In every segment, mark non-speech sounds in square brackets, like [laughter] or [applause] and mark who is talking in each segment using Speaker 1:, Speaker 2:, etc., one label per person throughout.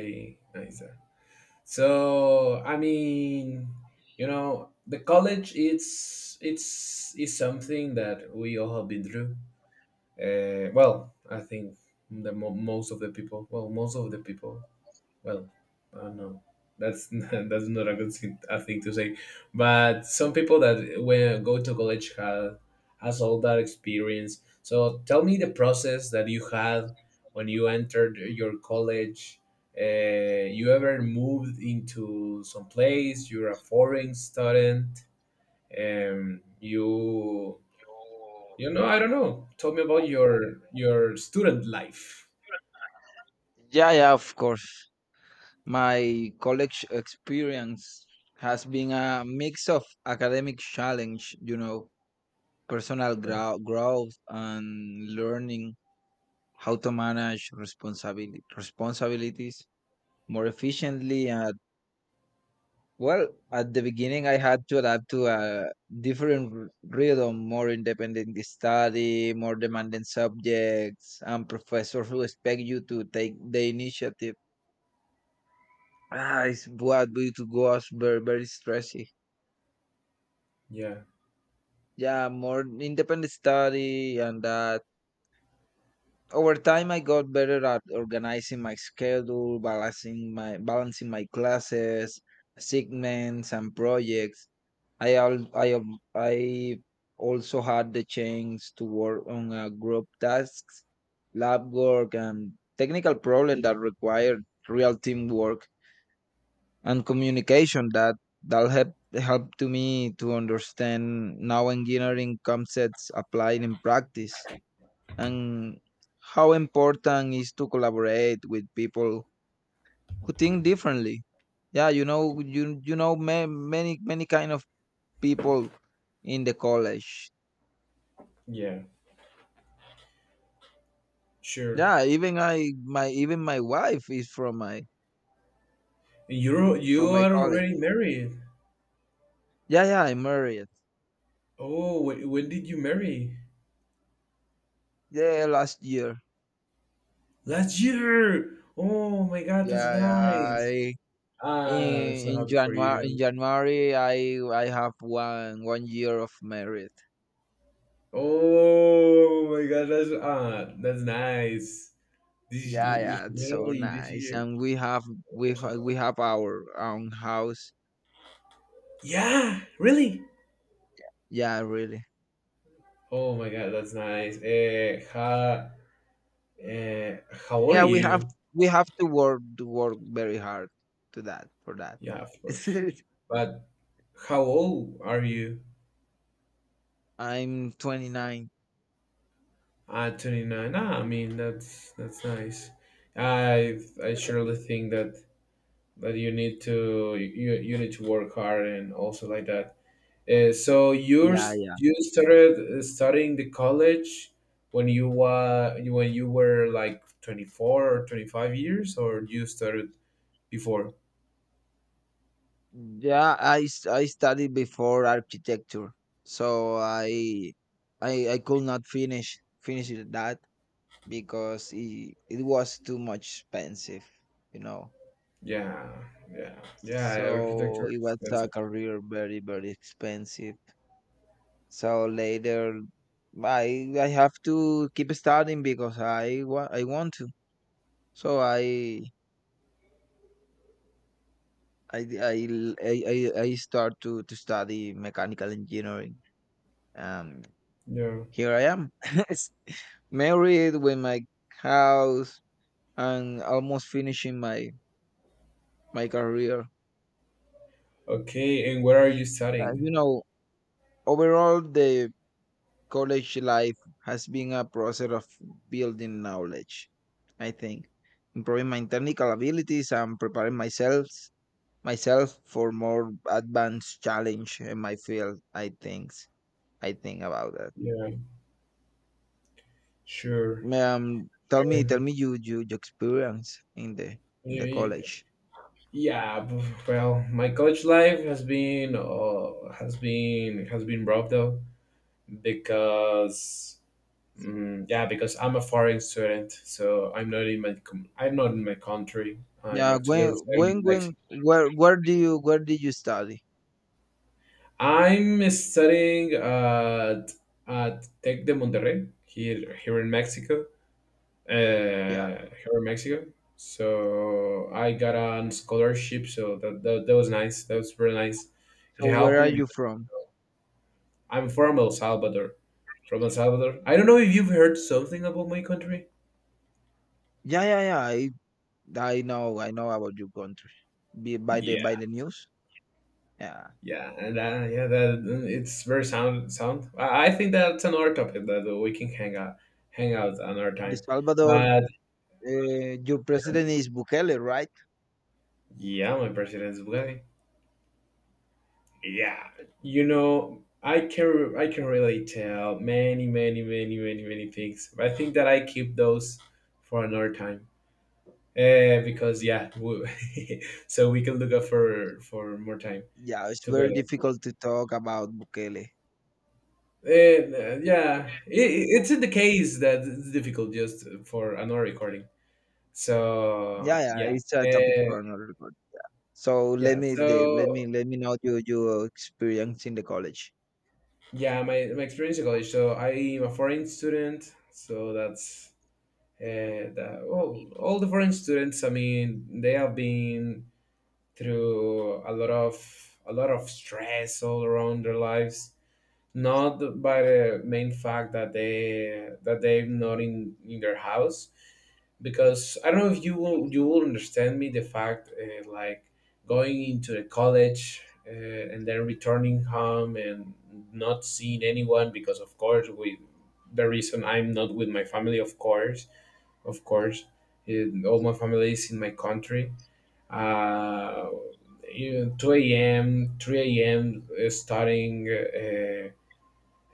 Speaker 1: Very nice. So I mean, the college it's is something that we all have been through. Well, I think the most of the people, well, well, I don't know. That's [laughs] that's not a good thing, a thing to say. But some people that when go to college have has all that experience. So tell me the process that you had when you entered your college. You ever moved into some place? You're a foreign student. Um, you I don't know. Tell me about your student life.
Speaker 2: Yeah, yeah, of course. My college experience has been a mix of academic challenge, personal growth, and learning how to manage responsibility responsibilities more efficiently. And well, at the beginning, I had to adapt to a different rhythm, more independent study, more demanding subjects, and professors who expect you to take the initiative. It's what we to go as very very stressy.
Speaker 1: Yeah,
Speaker 2: Yeah, more independent study and that. Over time, I got better at organizing my schedule, balancing my classes, segments, and projects. I also had the chance to work on group tasks, lab work, and technical problems that required real teamwork, and communication that help to me to understand now engineering concepts applied in practice, and how important is to collaborate with people who think differently. Yeah, many kind of people in the college.
Speaker 1: yeah, sure.
Speaker 2: Yeah, even I my even my wife is from my
Speaker 1: You're you are
Speaker 2: college
Speaker 1: already married.
Speaker 2: yeah, yeah, I married.
Speaker 1: Oh, when did you marry?
Speaker 2: Yeah, last year.
Speaker 1: Last year. Oh my God, that's
Speaker 2: Yeah, yeah,
Speaker 1: nice.
Speaker 2: I.
Speaker 1: I'm
Speaker 2: In
Speaker 1: so
Speaker 2: in
Speaker 1: happy for
Speaker 2: January in
Speaker 1: you.
Speaker 2: January I have one one year of married.
Speaker 1: Oh my God, that's nice. This
Speaker 2: Yeah, yeah, it's so
Speaker 1: literally this
Speaker 2: nice.
Speaker 1: year.
Speaker 2: And we have we have,
Speaker 1: [laughs]
Speaker 2: we have our own house.
Speaker 1: Yeah, really.
Speaker 2: Yeah, really.
Speaker 1: Oh my God, that's nice. Uh, how old are
Speaker 2: Yeah, we have
Speaker 1: you?
Speaker 2: we have to work very hard to that for that.
Speaker 1: Yeah, of course.
Speaker 2: [laughs]
Speaker 1: But how old are you?
Speaker 2: I'm 29.
Speaker 1: At 29, I mean that's nice. I surely think that you need to you need to work hard and also like that. So
Speaker 2: Yeah, yeah.
Speaker 1: you started studying the college when you were like 24 or 25 years, or you started before?
Speaker 2: Yeah, I studied before architecture. So I could not finish it that because it was too much expensive, you know.
Speaker 1: Yeah, yeah, yeah.
Speaker 2: So
Speaker 1: Architecture
Speaker 2: it
Speaker 1: is
Speaker 2: was a
Speaker 1: expensive.
Speaker 2: career very, very expensive. So later, I have to keep studying because I want to. So I l- I start to study mechanical engineering. Um,
Speaker 1: Yeah.
Speaker 2: Here I am, [laughs] married with my house and almost finishing my career.
Speaker 1: Okay, and where are you
Speaker 2: Uh,
Speaker 1: studying?
Speaker 2: you know, Overall, the college life has been a process of building knowledge, I think, improving my technical abilities and preparing myself for more advanced challenge in my field. I think about that.
Speaker 1: Yeah, sure,
Speaker 2: Tell me, tell
Speaker 1: sure.
Speaker 2: me your experience in the
Speaker 1: Yeah.
Speaker 2: college.
Speaker 1: Yeah, well, my college life has been rough though because yeah because I'm a foreign student, so I'm not in my country. I'm
Speaker 2: Yeah,
Speaker 1: actually residing in
Speaker 2: when
Speaker 1: Mexico.
Speaker 2: where did you study?
Speaker 1: I'm studying at Tec de Monterrey here in Mexico.
Speaker 2: Yeah.
Speaker 1: Here in Mexico. So I got a scholarship, so that was nice. That was really nice. It
Speaker 2: So
Speaker 1: helped
Speaker 2: where are
Speaker 1: me
Speaker 2: you
Speaker 1: because.
Speaker 2: from?
Speaker 1: I'm from El Salvador. From El Salvador. I don't know if you've heard something about my country.
Speaker 2: Yeah, yeah, yeah. I know about your country. Be by
Speaker 1: Yeah,
Speaker 2: the news. Yeah.
Speaker 1: yeah, and yeah, that it's very sound. Sound. I think that's another topic that we can hang out another
Speaker 2: The
Speaker 1: time.
Speaker 2: Salvador.
Speaker 1: But
Speaker 2: Your president is Bukele, right?
Speaker 1: yeah, my president is Bugatti. Yeah, I can really tell many, many, many, many, many things. But I think that I keep those for another time. Because yeah, [laughs] so we can look up for more time
Speaker 2: Yeah, it's
Speaker 1: together.
Speaker 2: very difficult to talk about Bukele.
Speaker 1: And, yeah, it's in the case that it's difficult just for another recording.
Speaker 2: Yeah,
Speaker 1: So
Speaker 2: yeah,
Speaker 1: yeah,
Speaker 2: it's a topic for another one. So
Speaker 1: yeah.
Speaker 2: let me the,
Speaker 1: So
Speaker 2: let me know your experience in the college.
Speaker 1: yeah, my experience in college. So I'm a foreign student. So well, all the foreign students. I mean, they have been through a lot of stress all around their lives. Not by the main fact that they're not in their house, because I don't know if you will understand me the fact like going into the college and then returning home and not seeing anyone, because of course, with the reason I'm not with my family, of course, of course all my family is in my country. uh, 2 a.m. 3 a.m., starting uh,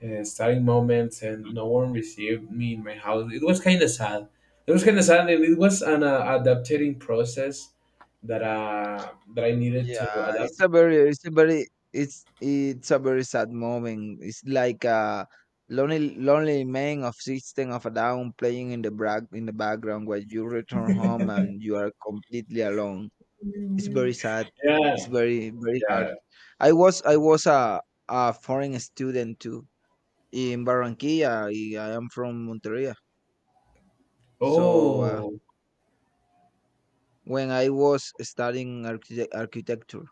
Speaker 1: uh, starting moments, and no one received me in my house. It was kind of sad. It was kind of sad, and it was an adapting process that I needed to
Speaker 2: Yeah,
Speaker 1: adapt.
Speaker 2: it's a very sad moment. It's like a lonely, lonely man of system of a down playing in the background while you return home and you are completely alone. It's very sad. It's
Speaker 1: Yeah,
Speaker 2: very, very hard.
Speaker 1: yeah.
Speaker 2: I was a foreign student too in Barranquilla. I am from Monteria. So
Speaker 1: Oh,
Speaker 2: when I was studying architecture,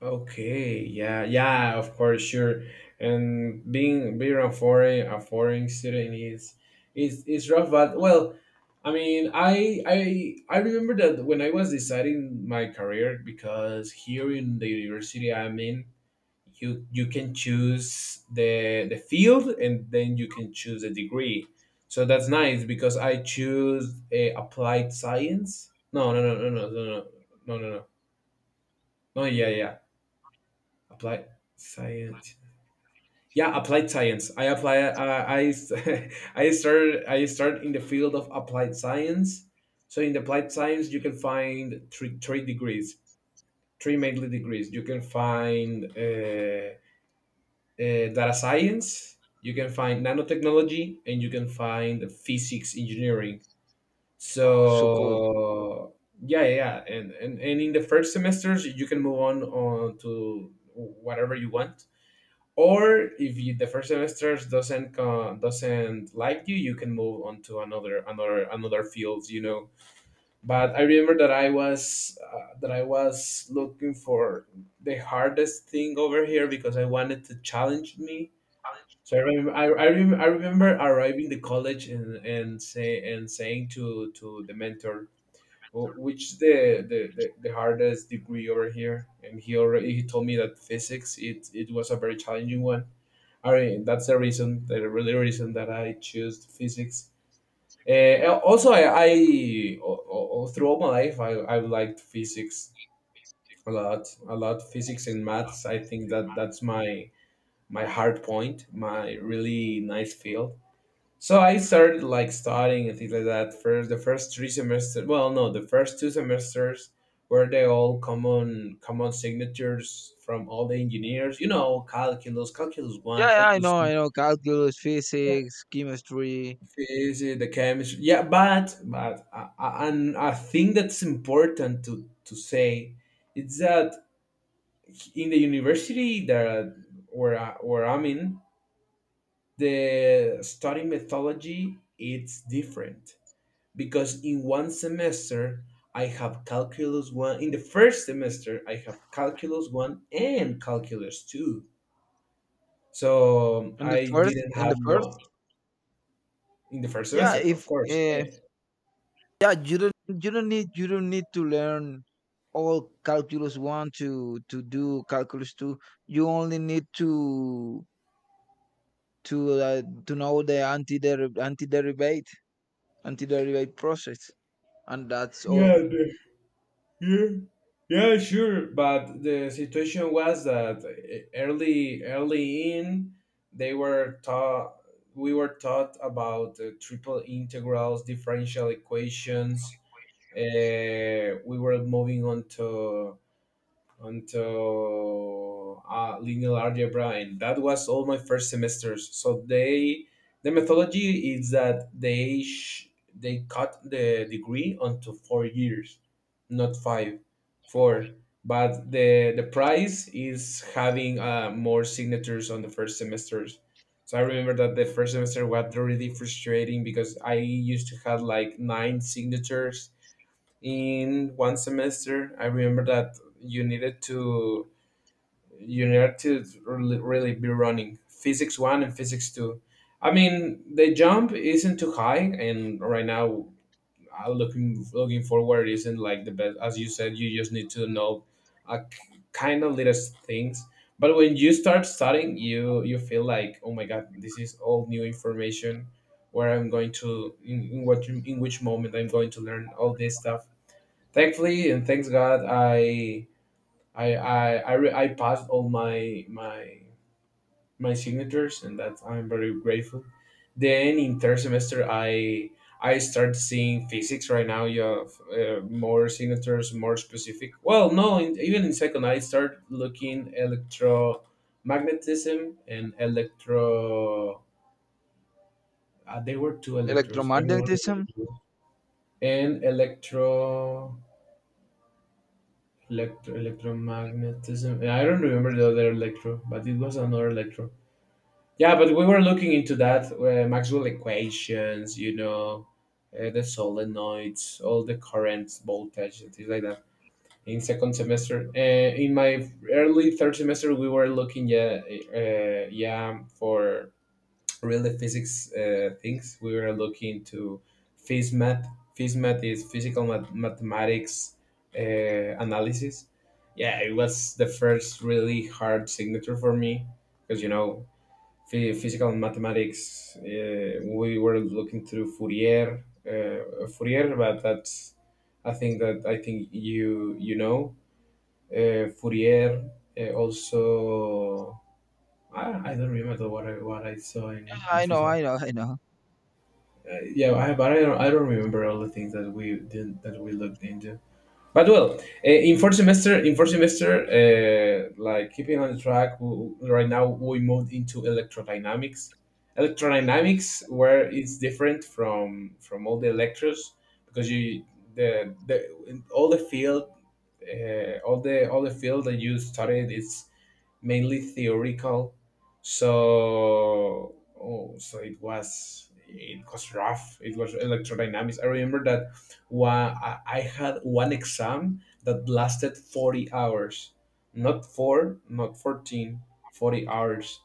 Speaker 1: okay, yeah, yeah, of course, sure. And being a foreign student is rough, but well, I mean, I remember that when I was deciding my career, because here in the university I'm in, you can choose the field and then you can choose a degree. So that's nice because I choose a applied science. No, no, no, no, no, no, no, no, no, no. No, yeah, yeah. Applied science. Yeah, applied science. I apply. I [laughs] I started. I start in the field of applied science. So in the applied science, you can find three degrees, three mainly degrees. You can find data science. You can find nanotechnology, and you can find physics engineering.
Speaker 2: oh, so cool.
Speaker 1: So yeah, yeah, yeah. And in the first semesters, you can move on to whatever you want, or if the first semester doesn't like you can move on to another fields. But I remember that I was looking for the hardest thing over here because I wanted to challenge me. So I remember I, rem- I remember arriving the college and say and saying to the mentor, Which the hardest degree over here?" And he told me that physics, it was a very challenging one. That's the reason, the really reason that I choose physics. Also, all throughout my life, I liked physics a lot, a lot. Physics and maths. I think that that's my hard point, my really nice field. So I started like studying and things like that. First, the first three semesters. Well, no, the first two semesters were they all common signatures from all the engineers. You know, calculus
Speaker 2: Yeah,
Speaker 1: one,
Speaker 2: yeah, I
Speaker 1: calculus.
Speaker 2: know, I know. Calculus, physics, chemistry,
Speaker 1: Easy, the chemistry. Yeah, but and I think that's important to say. It's that in the university that where I'm in, the study methodology it's different, because in one semester I have calculus one. In the first semester I have calculus one and calculus two. So
Speaker 2: and the
Speaker 1: I
Speaker 2: first,
Speaker 1: didn't have one in the first
Speaker 2: Yeah,
Speaker 1: semester, of
Speaker 2: if
Speaker 1: course.
Speaker 2: yeah, you don't need to learn all calculus one to do calculus two. You only need to know the anti derivate anti derivate process, and that's all.
Speaker 1: Yeah, yeah, yeah, sure. But the situation was that early, early in, they were taught, we were taught about triple integrals, differential equations. We were moving on to until linear algebra, and that was all my first semesters. So the methodology is that they cut the degree onto 4 years, not five, four. But the price is having more signatures on the first semesters. So I remember that the first semester was really frustrating because I used to have like nine signatures in one semester. I remember that you needed to really, really be running physics 1 and physics 2. I mean, the jump isn't too high, and right now I looking forward isn't like the best. As you said, you just need to know a kind of little things. But when you start studying, you feel like, oh my God, this is all new information. Where I'm going to, in which moment I'm going to learn all this stuff. Thankfully, and thanks God, I passed all my my signatures, and that I'm very grateful. Then in third semester, I start seeing physics. Right now, you have more signatures, more specific. Well, no, in, even in second, I start looking electromagnetism and electro. They were two electros. I don't
Speaker 2: Electromagnetism.
Speaker 1: remember. And electro Electro, electromagnetism. Yeah, I don't remember the other electro, but it was another electro. Yeah, but we were looking into that Maxwell equations, the solenoids, all the currents, voltage, and things like that. In second semester, in my early third semester, we were looking, yeah, yeah, for really physics things. We were looking to PhysMath. PhysMath is physical mathematics uh, analysis. Yeah, it was the first really hard signature for me, because physical mathematics. We were looking through Fourier, but that's, I think you know Fourier. Also, I don't remember what I saw in
Speaker 2: I know,
Speaker 1: PhysMath.
Speaker 2: I know, I know.
Speaker 1: But I don't remember all the things that we looked into. But well, in first semester, like keeping on track, right now we moved into electrodynamics. Electrodynamics, where it's different from all the lectures, because you the all the field, all the field that you studied is mainly theoretical. So oh, so it was rough. It was electrodynamics. I remember that I had one exam that lasted 40 hours. Not four, not 14, 40 hours.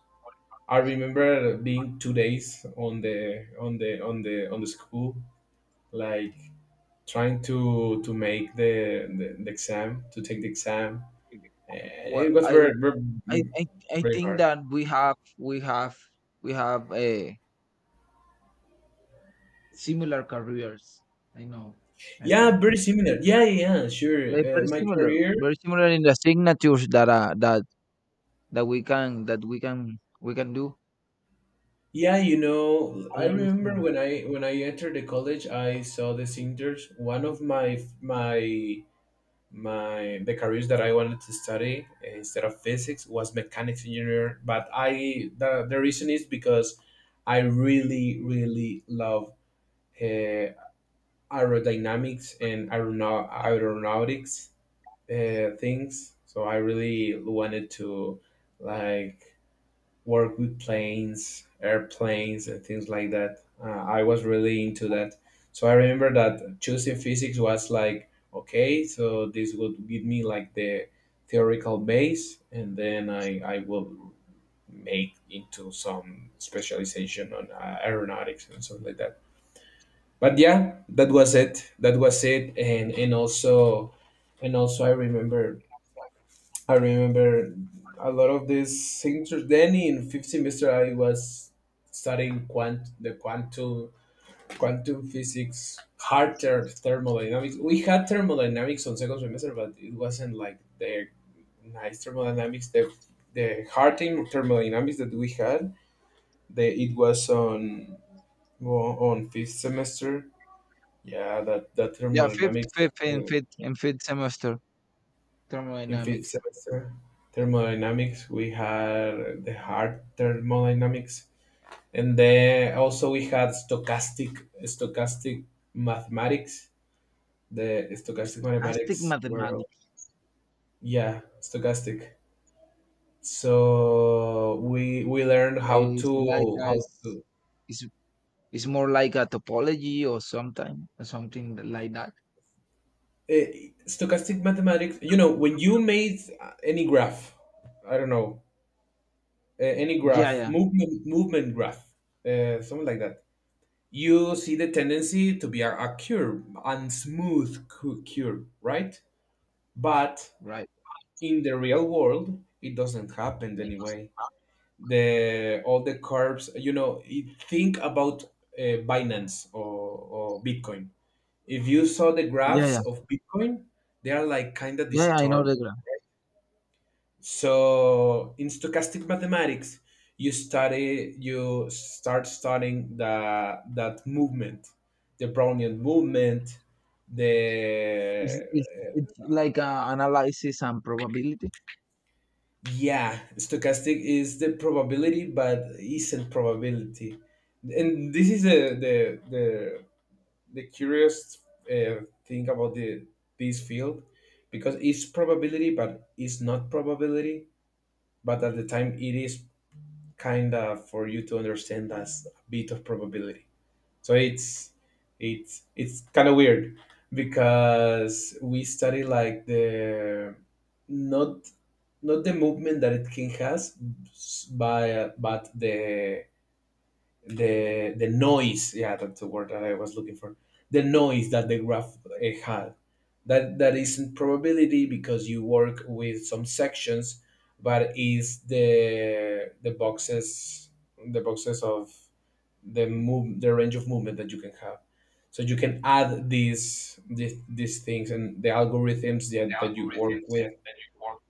Speaker 1: I remember being 2 days on the school, like trying to make the exam, to take the exam. It
Speaker 2: Well,
Speaker 1: was very very,
Speaker 2: I I I
Speaker 1: very
Speaker 2: think
Speaker 1: hard.
Speaker 2: that we have a similar careers. I know. I
Speaker 1: Yeah,
Speaker 2: think.
Speaker 1: very similar. Yeah, yeah, yeah,
Speaker 2: They're
Speaker 1: sure.
Speaker 2: very
Speaker 1: My
Speaker 2: similar,
Speaker 1: career.
Speaker 2: very similar in the signatures that we can do.
Speaker 1: Yeah,
Speaker 2: All
Speaker 1: I
Speaker 2: years
Speaker 1: remember
Speaker 2: in.
Speaker 1: when I entered the college, I saw the singers. One of my my my the careers that I wanted to study, instead of physics, was mechanics engineer. But I the reason is because I really really love uh, aerodynamics and aeronautics things. So I really wanted to like work with planes, airplanes, and things like that. I was really into that. So I remember that choosing physics was like, okay, so this would give me the theoretical base, and then I will make into some specialization on aeronautics and stuff like that. But yeah, that was it. That was it. And also I remember a lot of these signatures. Then in fifth semester, I was studying quantum physics, thermodynamics. We had thermodynamics on second semester, but it wasn't like the nice thermodynamics. The thermodynamics that we had, the it was on, well, on fifth semester. Yeah, that
Speaker 2: Yeah, fifth,
Speaker 1: thermodynamics.
Speaker 2: fifth, and fifth, and fifth semester.
Speaker 1: In fifth
Speaker 2: Thermodynamics.
Speaker 1: semester thermodynamics we had the hard thermodynamics, and then also we had stochastic mathematics. The stochastic
Speaker 2: Stochastic
Speaker 1: mathematics were,
Speaker 2: mathematics.
Speaker 1: yeah, stochastic. So we learned
Speaker 2: Is like
Speaker 1: how to,
Speaker 2: is it's more like a topology or sometime or something like that.
Speaker 1: stochastic mathematics, you know, when you made any graph, I don't know, any
Speaker 2: Yeah,
Speaker 1: graph,
Speaker 2: yeah.
Speaker 1: movement graph, something like that. You see the tendency to be a curve and smooth curve, right? But
Speaker 2: Right.
Speaker 1: in the real world, it doesn't happen anyway. The All the curves, you know, you think about Binance or Bitcoin. If you saw the
Speaker 2: Yeah,
Speaker 1: graphs
Speaker 2: yeah,
Speaker 1: of Bitcoin, they are like kind of
Speaker 2: yeah. Yeah, I know
Speaker 1: disturbed.
Speaker 2: the graph.
Speaker 1: So in stochastic mathematics, you start studying the that movement, the Brownian movement, the
Speaker 2: It's it's,
Speaker 1: uh,
Speaker 2: it's like uh, analysis and probability.
Speaker 1: yeah, stochastic is the probability but isn't probability. And this is the curious thing about the this field, because it's probability but it's not probability, but at the time it is kind of, for you to understand, that's a bit of probability. So it's kind of weird because we study like the, not, not the movement that it can has by, but the noise. Yeah, that's the word that I was looking for, the noise that the graph had, that that isn't probability because you work with some sections, but is the boxes, the boxes of the range of movement that you can have. So you can add these things, and the algorithms that you work with,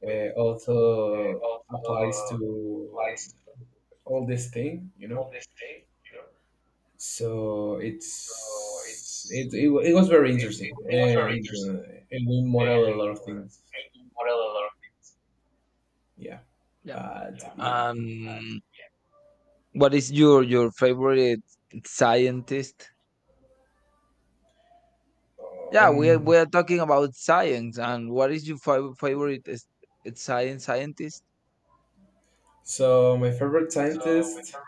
Speaker 1: also applies to all this thing, you know. So it's it, it, wa- it was very interesting, and we model a lot of things, yeah.
Speaker 2: Yeah.
Speaker 1: But yeah.
Speaker 2: Um, what is your favorite scientist? Yeah, we are
Speaker 1: um,
Speaker 2: we are talking about science, and what is your fav- favorite is- it's science scientist
Speaker 1: so my favorite scientist,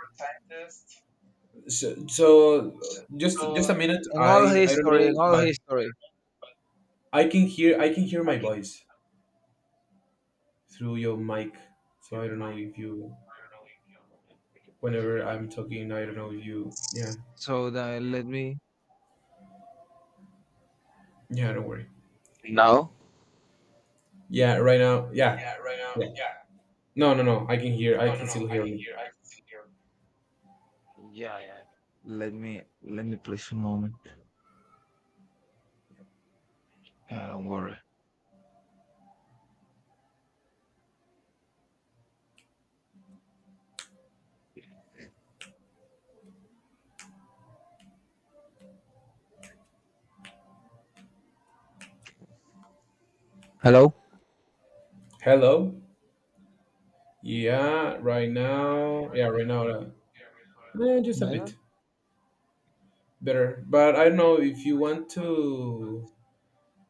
Speaker 1: so, just a minute,
Speaker 2: in all
Speaker 1: I don't
Speaker 2: history? In
Speaker 1: know,
Speaker 2: all
Speaker 1: but
Speaker 2: history.
Speaker 1: I can hear my voice through your mic, so I don't know if you, whenever I'm talking, I don't know if you, yeah.
Speaker 2: So that let me.
Speaker 1: Yeah, don't worry.
Speaker 2: Now?
Speaker 1: Yeah, right now, yeah. Yeah. no no no I can hear, I can still hear me.
Speaker 2: Yeah, yeah. Let me please a moment. Don't worry. Hello.
Speaker 1: Hello. Yeah, right now. Yeah, right now. Just a bit better. But I don't know if you want to,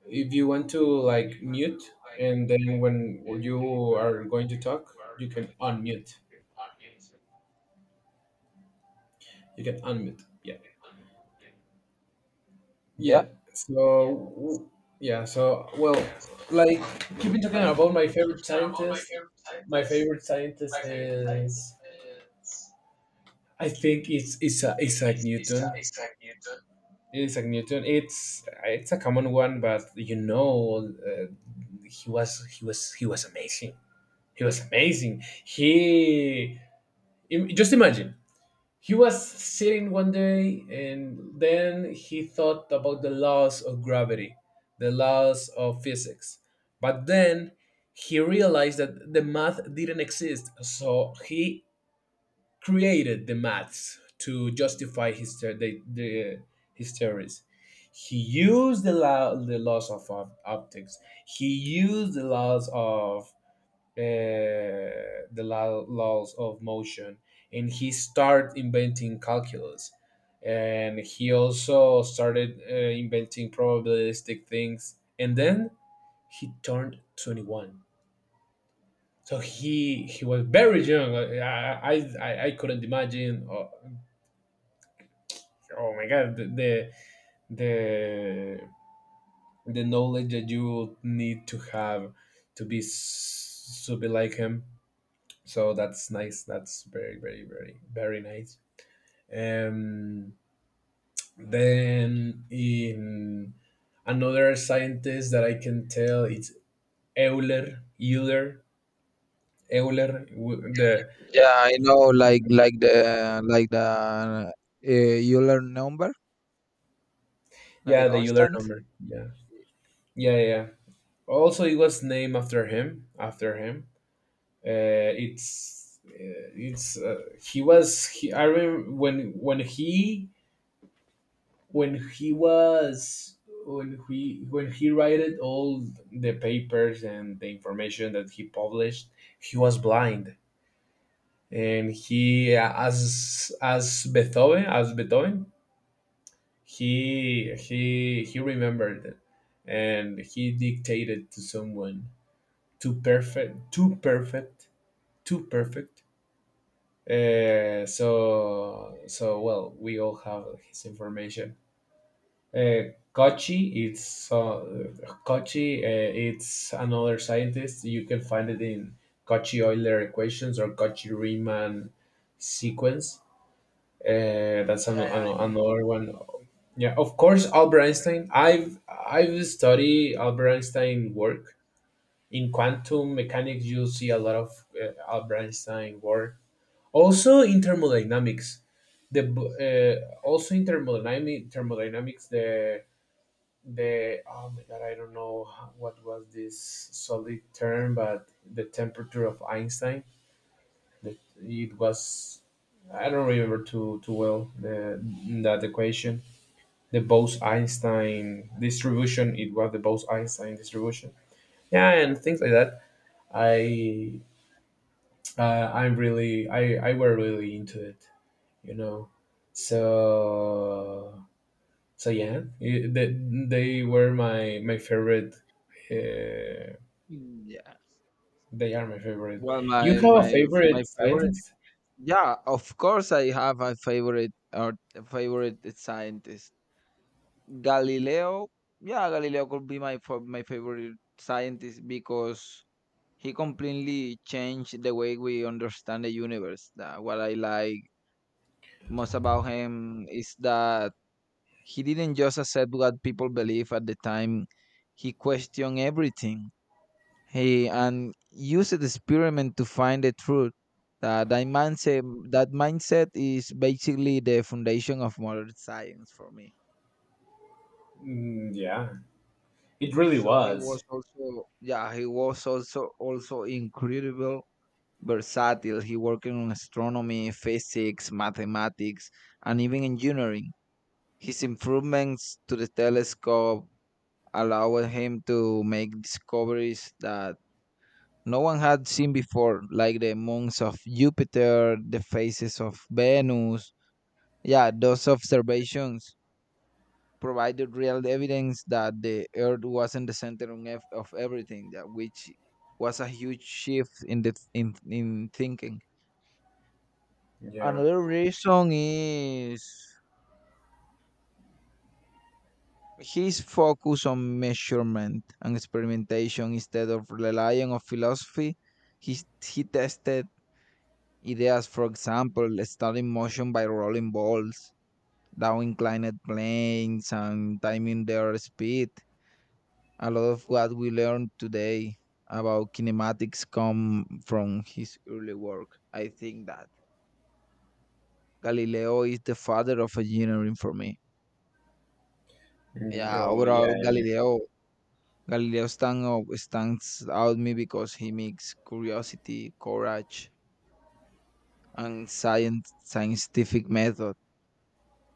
Speaker 1: if you want to mute, and then when you are going to talk, you can unmute. You can unmute. Yeah. Yeah.
Speaker 2: Yeah?
Speaker 1: So w- yeah. So, well, like you've been talking about my favorite scientist. My favorite scientist is, I think it's Isaac Newton. It's like Newton. It's a common one, but you know, he was amazing. He was amazing. Just imagine, he was sitting one day, and then he thought about the laws of gravity, the laws of physics, but then he realized that the math didn't exist. So he created the maths to justify his theories. He used the laws of optics. He used the laws of laws of motion, and he started inventing calculus. And he also started inventing probabilistic things. And then he turned 21, so he was very young. I couldn't imagine, oh my god, the, the knowledge that you would need to have to be to be like him. So that's nice. That's very nice. Um, then in, another scientist that I can tell it's Euler Euler Euler w- the
Speaker 2: Yeah, I know. Like the Euler number, not the
Speaker 1: Yeah, the Euler
Speaker 2: constant.
Speaker 1: number, yeah.
Speaker 2: Yeah.
Speaker 1: Yeah. Also, it was named after him, uh, it's uh, it's he was I remember when he, when he was, when he wrote all the papers and the information that he published, he was blind. And he, as as Beethoven, he remembered and he dictated to someone. too perfect too perfect Too perfect. So, so, well, we all have his information. Kochi, it's Kochi. It's another scientist. You can find it in Kochi Euler equations or Kochi Riemann sequence. That's
Speaker 2: Yeah, yeah, I know.
Speaker 1: another one. Yeah, of course, Albert Einstein. I've studied Albert Einstein work in quantum mechanics. You'll see a lot of Albert Einstein work. Also in thermodynamics, the thermodynamics, the oh my god, I don't know what was this solid term, but the temperature of Einstein, that it was, I don't remember too well the that equation. The Bose-Einstein distribution it was the Bose-Einstein distribution. Yeah, and things like that. I I'm really, I were really into it, you know. so So yeah, they were my my favorite. Uh,
Speaker 2: Mm, yeah.
Speaker 1: they are my favorite.
Speaker 2: Well,
Speaker 1: You
Speaker 2: my
Speaker 1: have a
Speaker 2: my
Speaker 1: favorite
Speaker 2: my favorite.
Speaker 1: scientist?
Speaker 2: Yeah, of course, I have a favorite or favorite scientist, Galileo. Yeah, Galileo could be my favorite scientist because he completely changed the way we understand the universe. What I like most about him is that he didn't just accept what people believe at the time. He questioned everything. He and used the experiment to find the truth. That, that mindset that mindset is basically the foundation of modern science for me.
Speaker 1: Mm, yeah, it really
Speaker 2: So he was
Speaker 1: was.
Speaker 2: also, yeah, he was also incredible versatile. He worked on astronomy, physics, mathematics, and even engineering. His improvements to the telescope allowed him to make discoveries that no one had seen before, like the moons of Jupiter, the phases of Venus. Yeah, those observations provided real evidence that the Earth wasn't the center of of everything, that which was a huge shift in thinking.
Speaker 1: Yeah.
Speaker 2: Another reason is his focus on measurement and experimentation instead of relying on philosophy. He, he tested ideas, for example, studying motion by rolling balls, down inclined planes, and timing their speed. A lot of what we learn today about kinematics come from his early work. I think that Galileo is the father of engineering for me.
Speaker 1: Mm,
Speaker 2: Yeah,
Speaker 1: oh
Speaker 2: overall,
Speaker 1: yeah,
Speaker 2: Galileo. Galileo stands out me because he mixed curiosity, courage, and scientific method.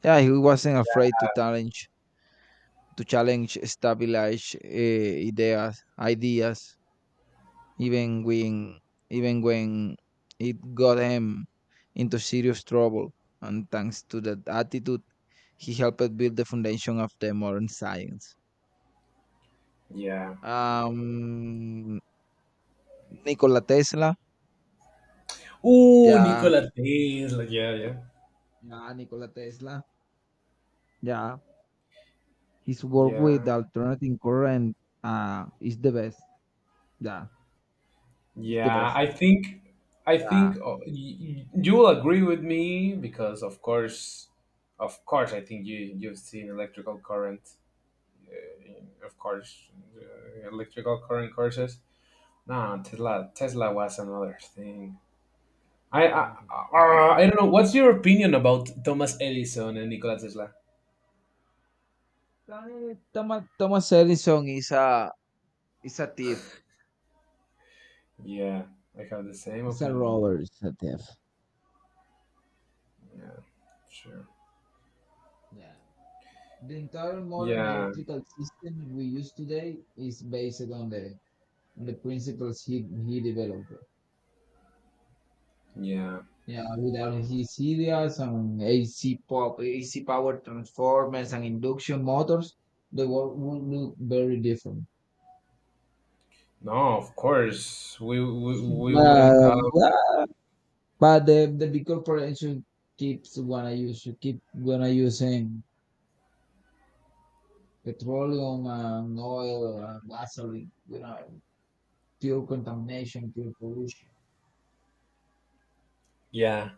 Speaker 2: Yeah, he wasn't afraid to challenge established ideas, even when even when it got him into serious trouble. And thanks to that attitude, he helped build the foundation of the modern science.
Speaker 1: yeah.
Speaker 2: Um, Nikola Tesla.
Speaker 1: Ooh,
Speaker 2: Yeah,
Speaker 1: Nikola Tesla. Yeah, yeah,
Speaker 2: yeah, Nikola Tesla, yeah. His work
Speaker 1: yeah,
Speaker 2: with alternating current is the best. Yeah, is the
Speaker 1: yeah.
Speaker 2: best.
Speaker 1: I think,
Speaker 2: Yeah.
Speaker 1: you will agree with me, because, of course, I think you, you've seen electrical current, uh, of course, electrical current courses. No, Tesla. Tesla was another thing. I don't know. What's your opinion about Thomas Edison and Nikola Tesla?
Speaker 2: Kahit tamad Tomaselli song isa isa Tiff.
Speaker 1: Yeah, I have the same
Speaker 2: It's
Speaker 1: opinion.
Speaker 2: roller, it's a.
Speaker 1: Yeah, sure.
Speaker 2: Yeah. The entire modern
Speaker 1: Yeah,
Speaker 2: electrical system we use today is based on the principles he developed.
Speaker 1: yeah.
Speaker 2: Yeah, without his ideas on AC power transformers and induction motors, the world would look very different.
Speaker 1: No, of course we wouldn't have.
Speaker 2: But, but the big corporation keep wanna using petroleum and oil and gasoline, fuel contamination, fuel pollution.
Speaker 1: Yeah,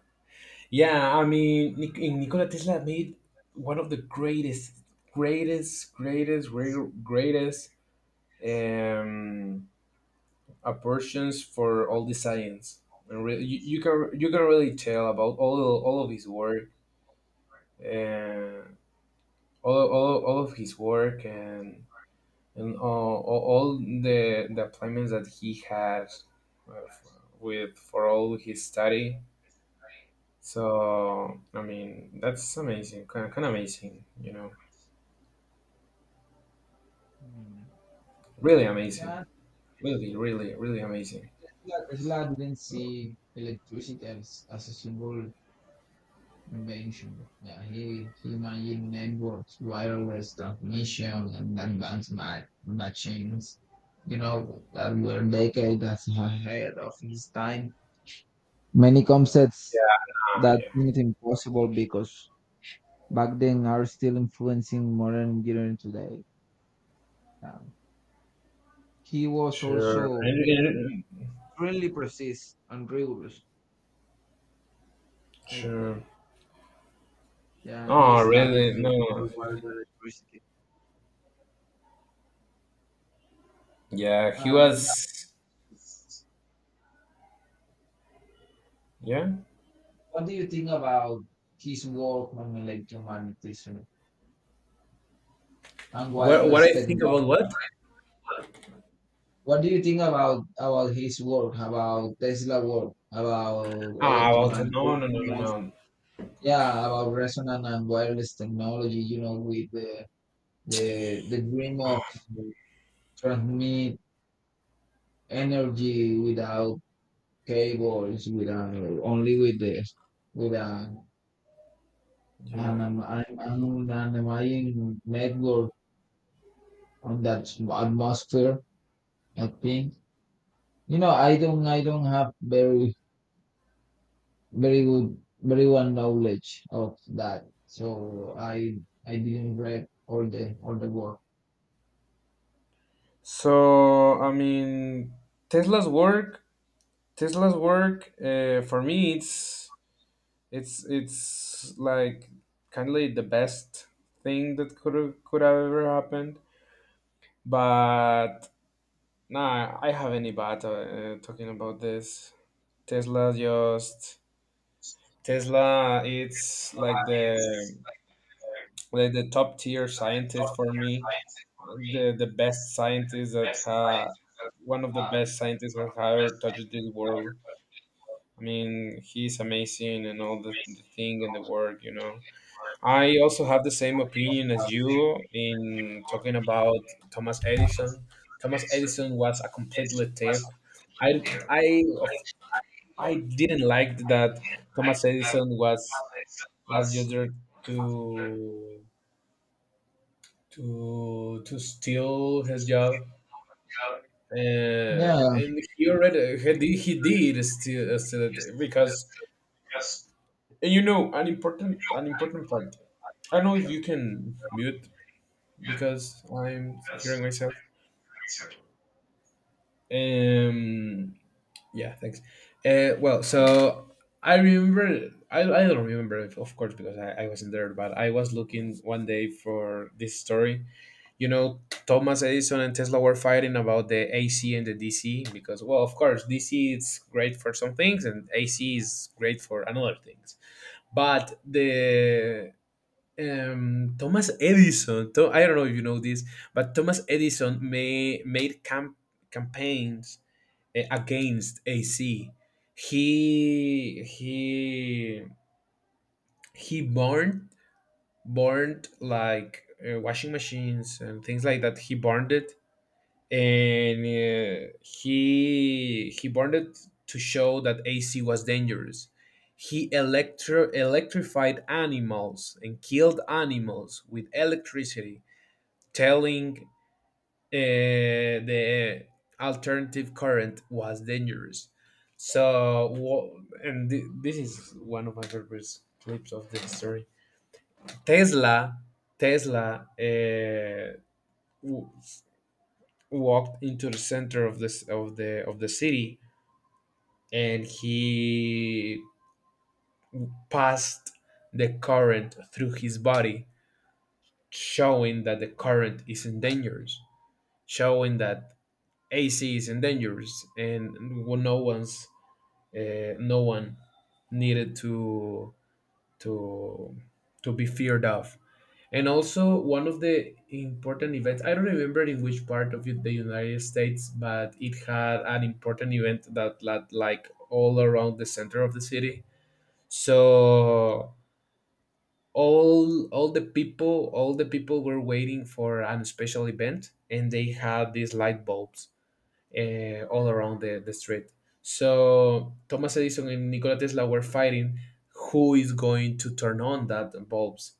Speaker 1: yeah. I mean, Nikola Tesla made one of the greatest um, aversions for all the science. And you, you can, you can really tell about all of his work, uh, all of his work, and all the appointments that he had, uh, f- with, for all his study. So I mean, that's amazing, kind of amazing, you know,
Speaker 2: Mm.
Speaker 1: really amazing,
Speaker 2: Yeah,
Speaker 1: really amazing.
Speaker 2: Tesla didn't
Speaker 1: So,
Speaker 2: see electricity as a single invention. Yeah, he imagined networks, wireless transmission, and advanced machines, that were decades ahead of his time. Many
Speaker 1: yeah,
Speaker 2: concepts
Speaker 1: nah,
Speaker 2: that
Speaker 1: yeah,
Speaker 2: seemed impossible because back then are still influencing modern engineering today. Um, he was
Speaker 1: sure.
Speaker 2: also extremely precise and rigorous, I
Speaker 1: Sure.
Speaker 2: think. Yeah, he
Speaker 1: Oh,
Speaker 2: studied
Speaker 1: really?
Speaker 2: with
Speaker 1: No.
Speaker 2: Harvard University.
Speaker 1: Yeah, he
Speaker 2: And
Speaker 1: was. Yeah.
Speaker 2: what do you think about his work on electromagnetism and
Speaker 1: What
Speaker 2: wireless
Speaker 1: I think
Speaker 2: technology?
Speaker 1: about what?
Speaker 2: What do you think about his work, about Tesla work, about
Speaker 1: Ah, about,
Speaker 2: electromagnetism?
Speaker 1: no,
Speaker 2: Yeah, about resonant and wireless technology. With the dream of
Speaker 1: no.
Speaker 2: transmit energy without cables with only with this with an,
Speaker 1: Yeah.
Speaker 2: an, an, an underlying network on that atmosphere. I think I don't have very very good very well knowledge of that, so I didn't read all the work.
Speaker 1: So I mean, Tesla's work, Tesla's work. For me, it's, like kind of like the best thing that could have ever happened. But nah, I have any bad talking about this. Tesla just Tesla. It's like the, like the top tier scientist for me, the best scientist that ha one of the best scientists that have ever touched this world. I mean, he's amazing and all the thing and the work, you know. I also have the same opinion as you in talking about Thomas Edison. Thomas Edison was a complete thief. I I of I didn't like that Thomas Edison was just there to, to steal his job, uh,
Speaker 2: Yeah.
Speaker 1: and he already, he did steal, steal it. Because, and you know, an important, fact, I don't know if you can mute because I'm hearing myself. um yeah, thanks. Well, so I remember, I don't remember, of course, because I wasn't there, but I was looking one day for this story. You know, Thomas Edison and Tesla were fighting about the AC and the DC, because, well, of course, DC is great for some things and AC is great for another things. But the, Thomas Edison, I don't know if you know this, but Thomas Edison made campaigns, against AC. He he he burned, burned like washing machines and things like that. He burned it, and he wanted to show that AC was dangerous. He electrified animals and killed animals with electricity, telling the alternative current was dangerous. So, this is one of my favorite clips of the story. Tesla, Tesla, w- walked into the center of this of the city, and he passed the current through his body, showing that the current is endangered, showing that AC is endangered, and no one's no one needed to, to to be feared of. And also one of the important events, I don't remember in which part of the United States, but it had an important event that led like all around the center of the city. So all the people were waiting for an special event, and they had these light bulbs all around the street. So Thomas Edison and Nikola Tesla were fighting who is going to turn on that bulbs.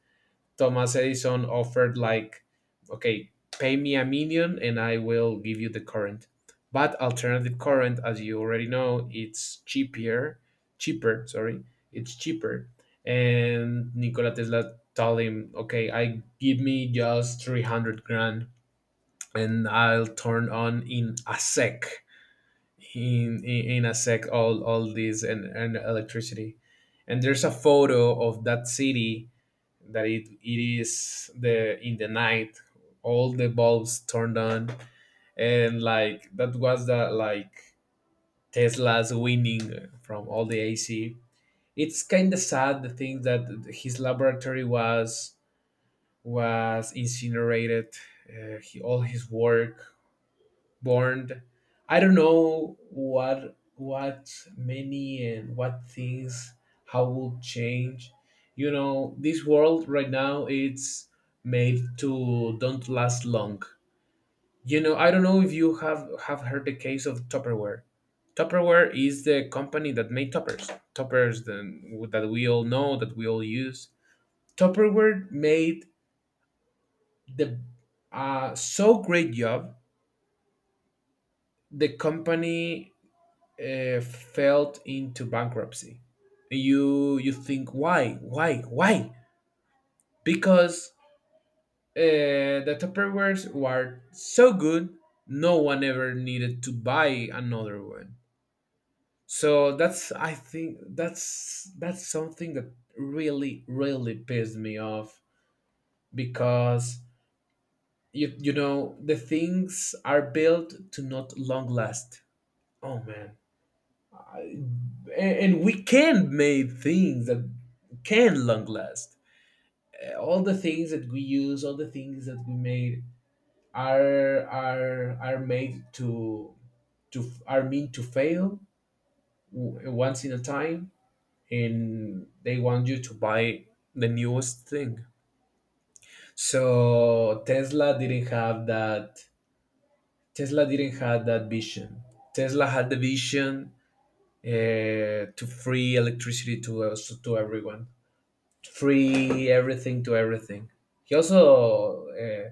Speaker 1: Thomas Edison offered, like, okay, pay me a million and I will give you the current. But alternative current, as you already know, it's cheaper, cheaper. Sorry, it's cheaper. And Nikola Tesla told him, okay, I give me just 300 grand and I'll turn on in a sec, in a sec, all this and electricity. And there's a photo of that city that it is the in the night, all the bulbs turned on, and like that was the, like, Tesla's winning from all the ac. It's kind of sad the thing that his laboratory was incinerated. All his work bond. I don't know what many and what things how will change. You know, this world right now it's made to don't last long. You know, I don't know if you have heard the case of Tupperware. Tupperware is the company that made toppers, that we all know, that we all use. Tupperware made the so great job. The company fell into bankruptcy. You think why why? Because the Tupperwares were so good, no one ever needed to buy another one. So that's, I think, that's something that really really pissed me off because you know the things are built to not long last. Oh man. And we can make things that can long last. All the things that we use, all the things that we made, are made to are meant to fail once in a time, and they want you to buy the newest thing. So Tesla didn't have that. Tesla didn't have that vision. Tesla had the vision to free electricity to us, to everyone, free everything to everything. He also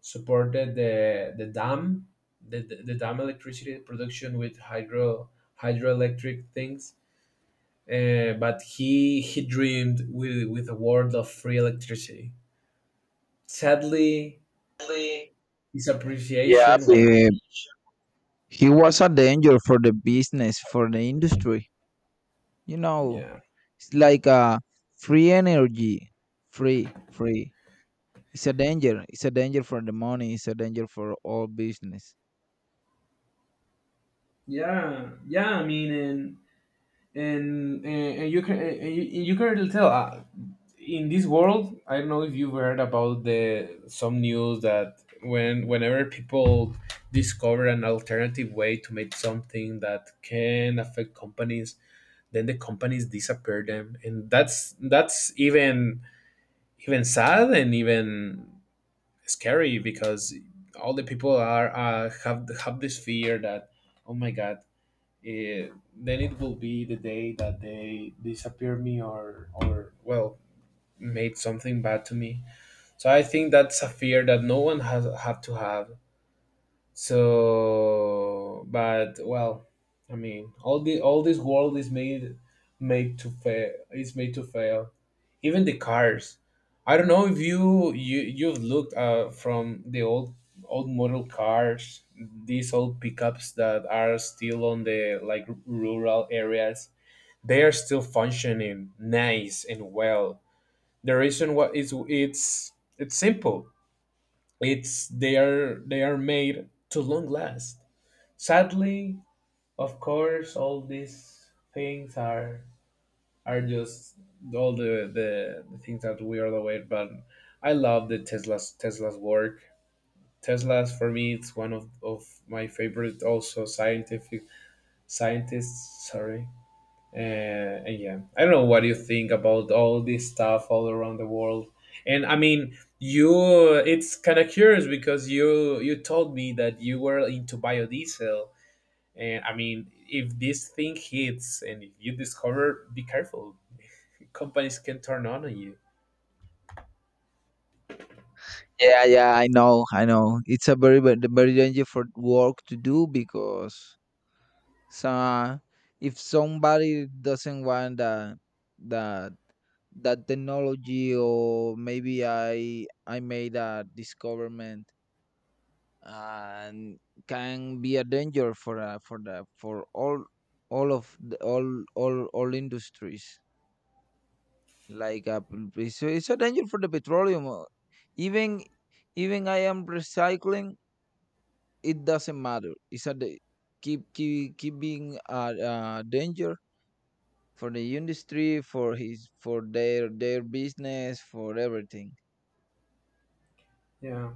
Speaker 1: supported the dam, the dam electricity production with hydroelectric things. But he dreamed with a world of free electricity. Sadly, his
Speaker 2: Yeah,
Speaker 1: appreciation. Well,
Speaker 2: he was a danger for the business, for the industry. You know,
Speaker 1: yeah,
Speaker 2: it's like a free energy, free, free. It's a danger. It's a danger for the money. It's a danger for all business.
Speaker 1: yeah, yeah. I mean, and you can really tell in this world. I don't know if you've heard about the some news that whenever people discover an alternative way to make something that can affect companies, then the companies disappear them. And that's even sad and even scary, because all the people are have this fear that, oh my God, eh, then it will be the day that they disappear me, or well made something bad to me. So I think that's a fear that no one has have to have. So, but well, I mean, all this world is made to fail. It's made to fail. Even the cars. I don't know if you've looked from the old model cars, these old pickups that are still on the like rural areas. They are still functioning nice and well. The reason why is it's simple. It's They are made to long last. Sadly, of course, all these things are just all the things that we are aware. But I love the Tesla's work. Tesla's, for me, it's one of my favorite also scientific scientists. Sorry. And yeah, I don't know what you think about all this stuff all around the world. And I mean, you it's kind of curious because you told me that you were into biodiesel. And I mean, if this thing hits and if you discover, be careful. Companies can turn on you.
Speaker 2: Yeah, yeah, I know. It's a very, very very danger for work to do because so if somebody doesn't want that that that technology, or maybe I made a discoverment and can be a danger for all of the, all industries. Like so it's a danger for the petroleum even even I am recycling, it doesn't matter, keep being a danger for the industry, for their business for everything.
Speaker 1: Yeah,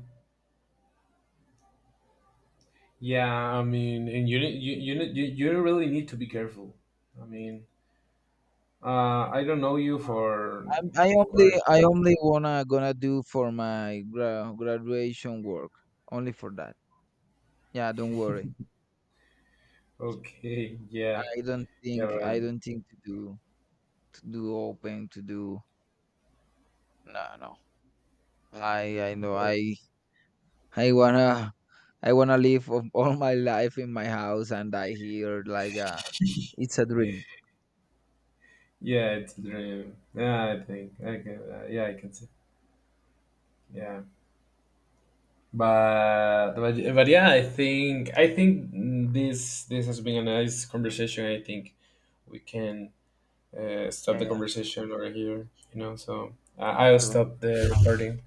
Speaker 1: yeah. I mean, and you ne- you ne- you really need to be careful. I mean, I don't know you for,
Speaker 2: I'm, i
Speaker 1: of
Speaker 2: only
Speaker 1: course.
Speaker 2: i only wanna gonna do for my graduation work, only for that. Yeah, don't worry.
Speaker 1: Okay, [laughs] yeah,
Speaker 2: i don't
Speaker 1: yeah,
Speaker 2: think i
Speaker 1: well,
Speaker 2: don't think to do. No, no. I know I wanna I wanna live of all my life in my house and die here, like it's a dream.
Speaker 1: yeah. It's a dream. Yeah, I think. Okay, yeah, I can see. Yeah, but yeah, I think this has been a nice conversation. I think we can stop
Speaker 2: Yeah,
Speaker 1: the
Speaker 2: yeah.
Speaker 1: conversation over here. So I
Speaker 2: I
Speaker 1: I'll
Speaker 2: know.
Speaker 1: stop the recording.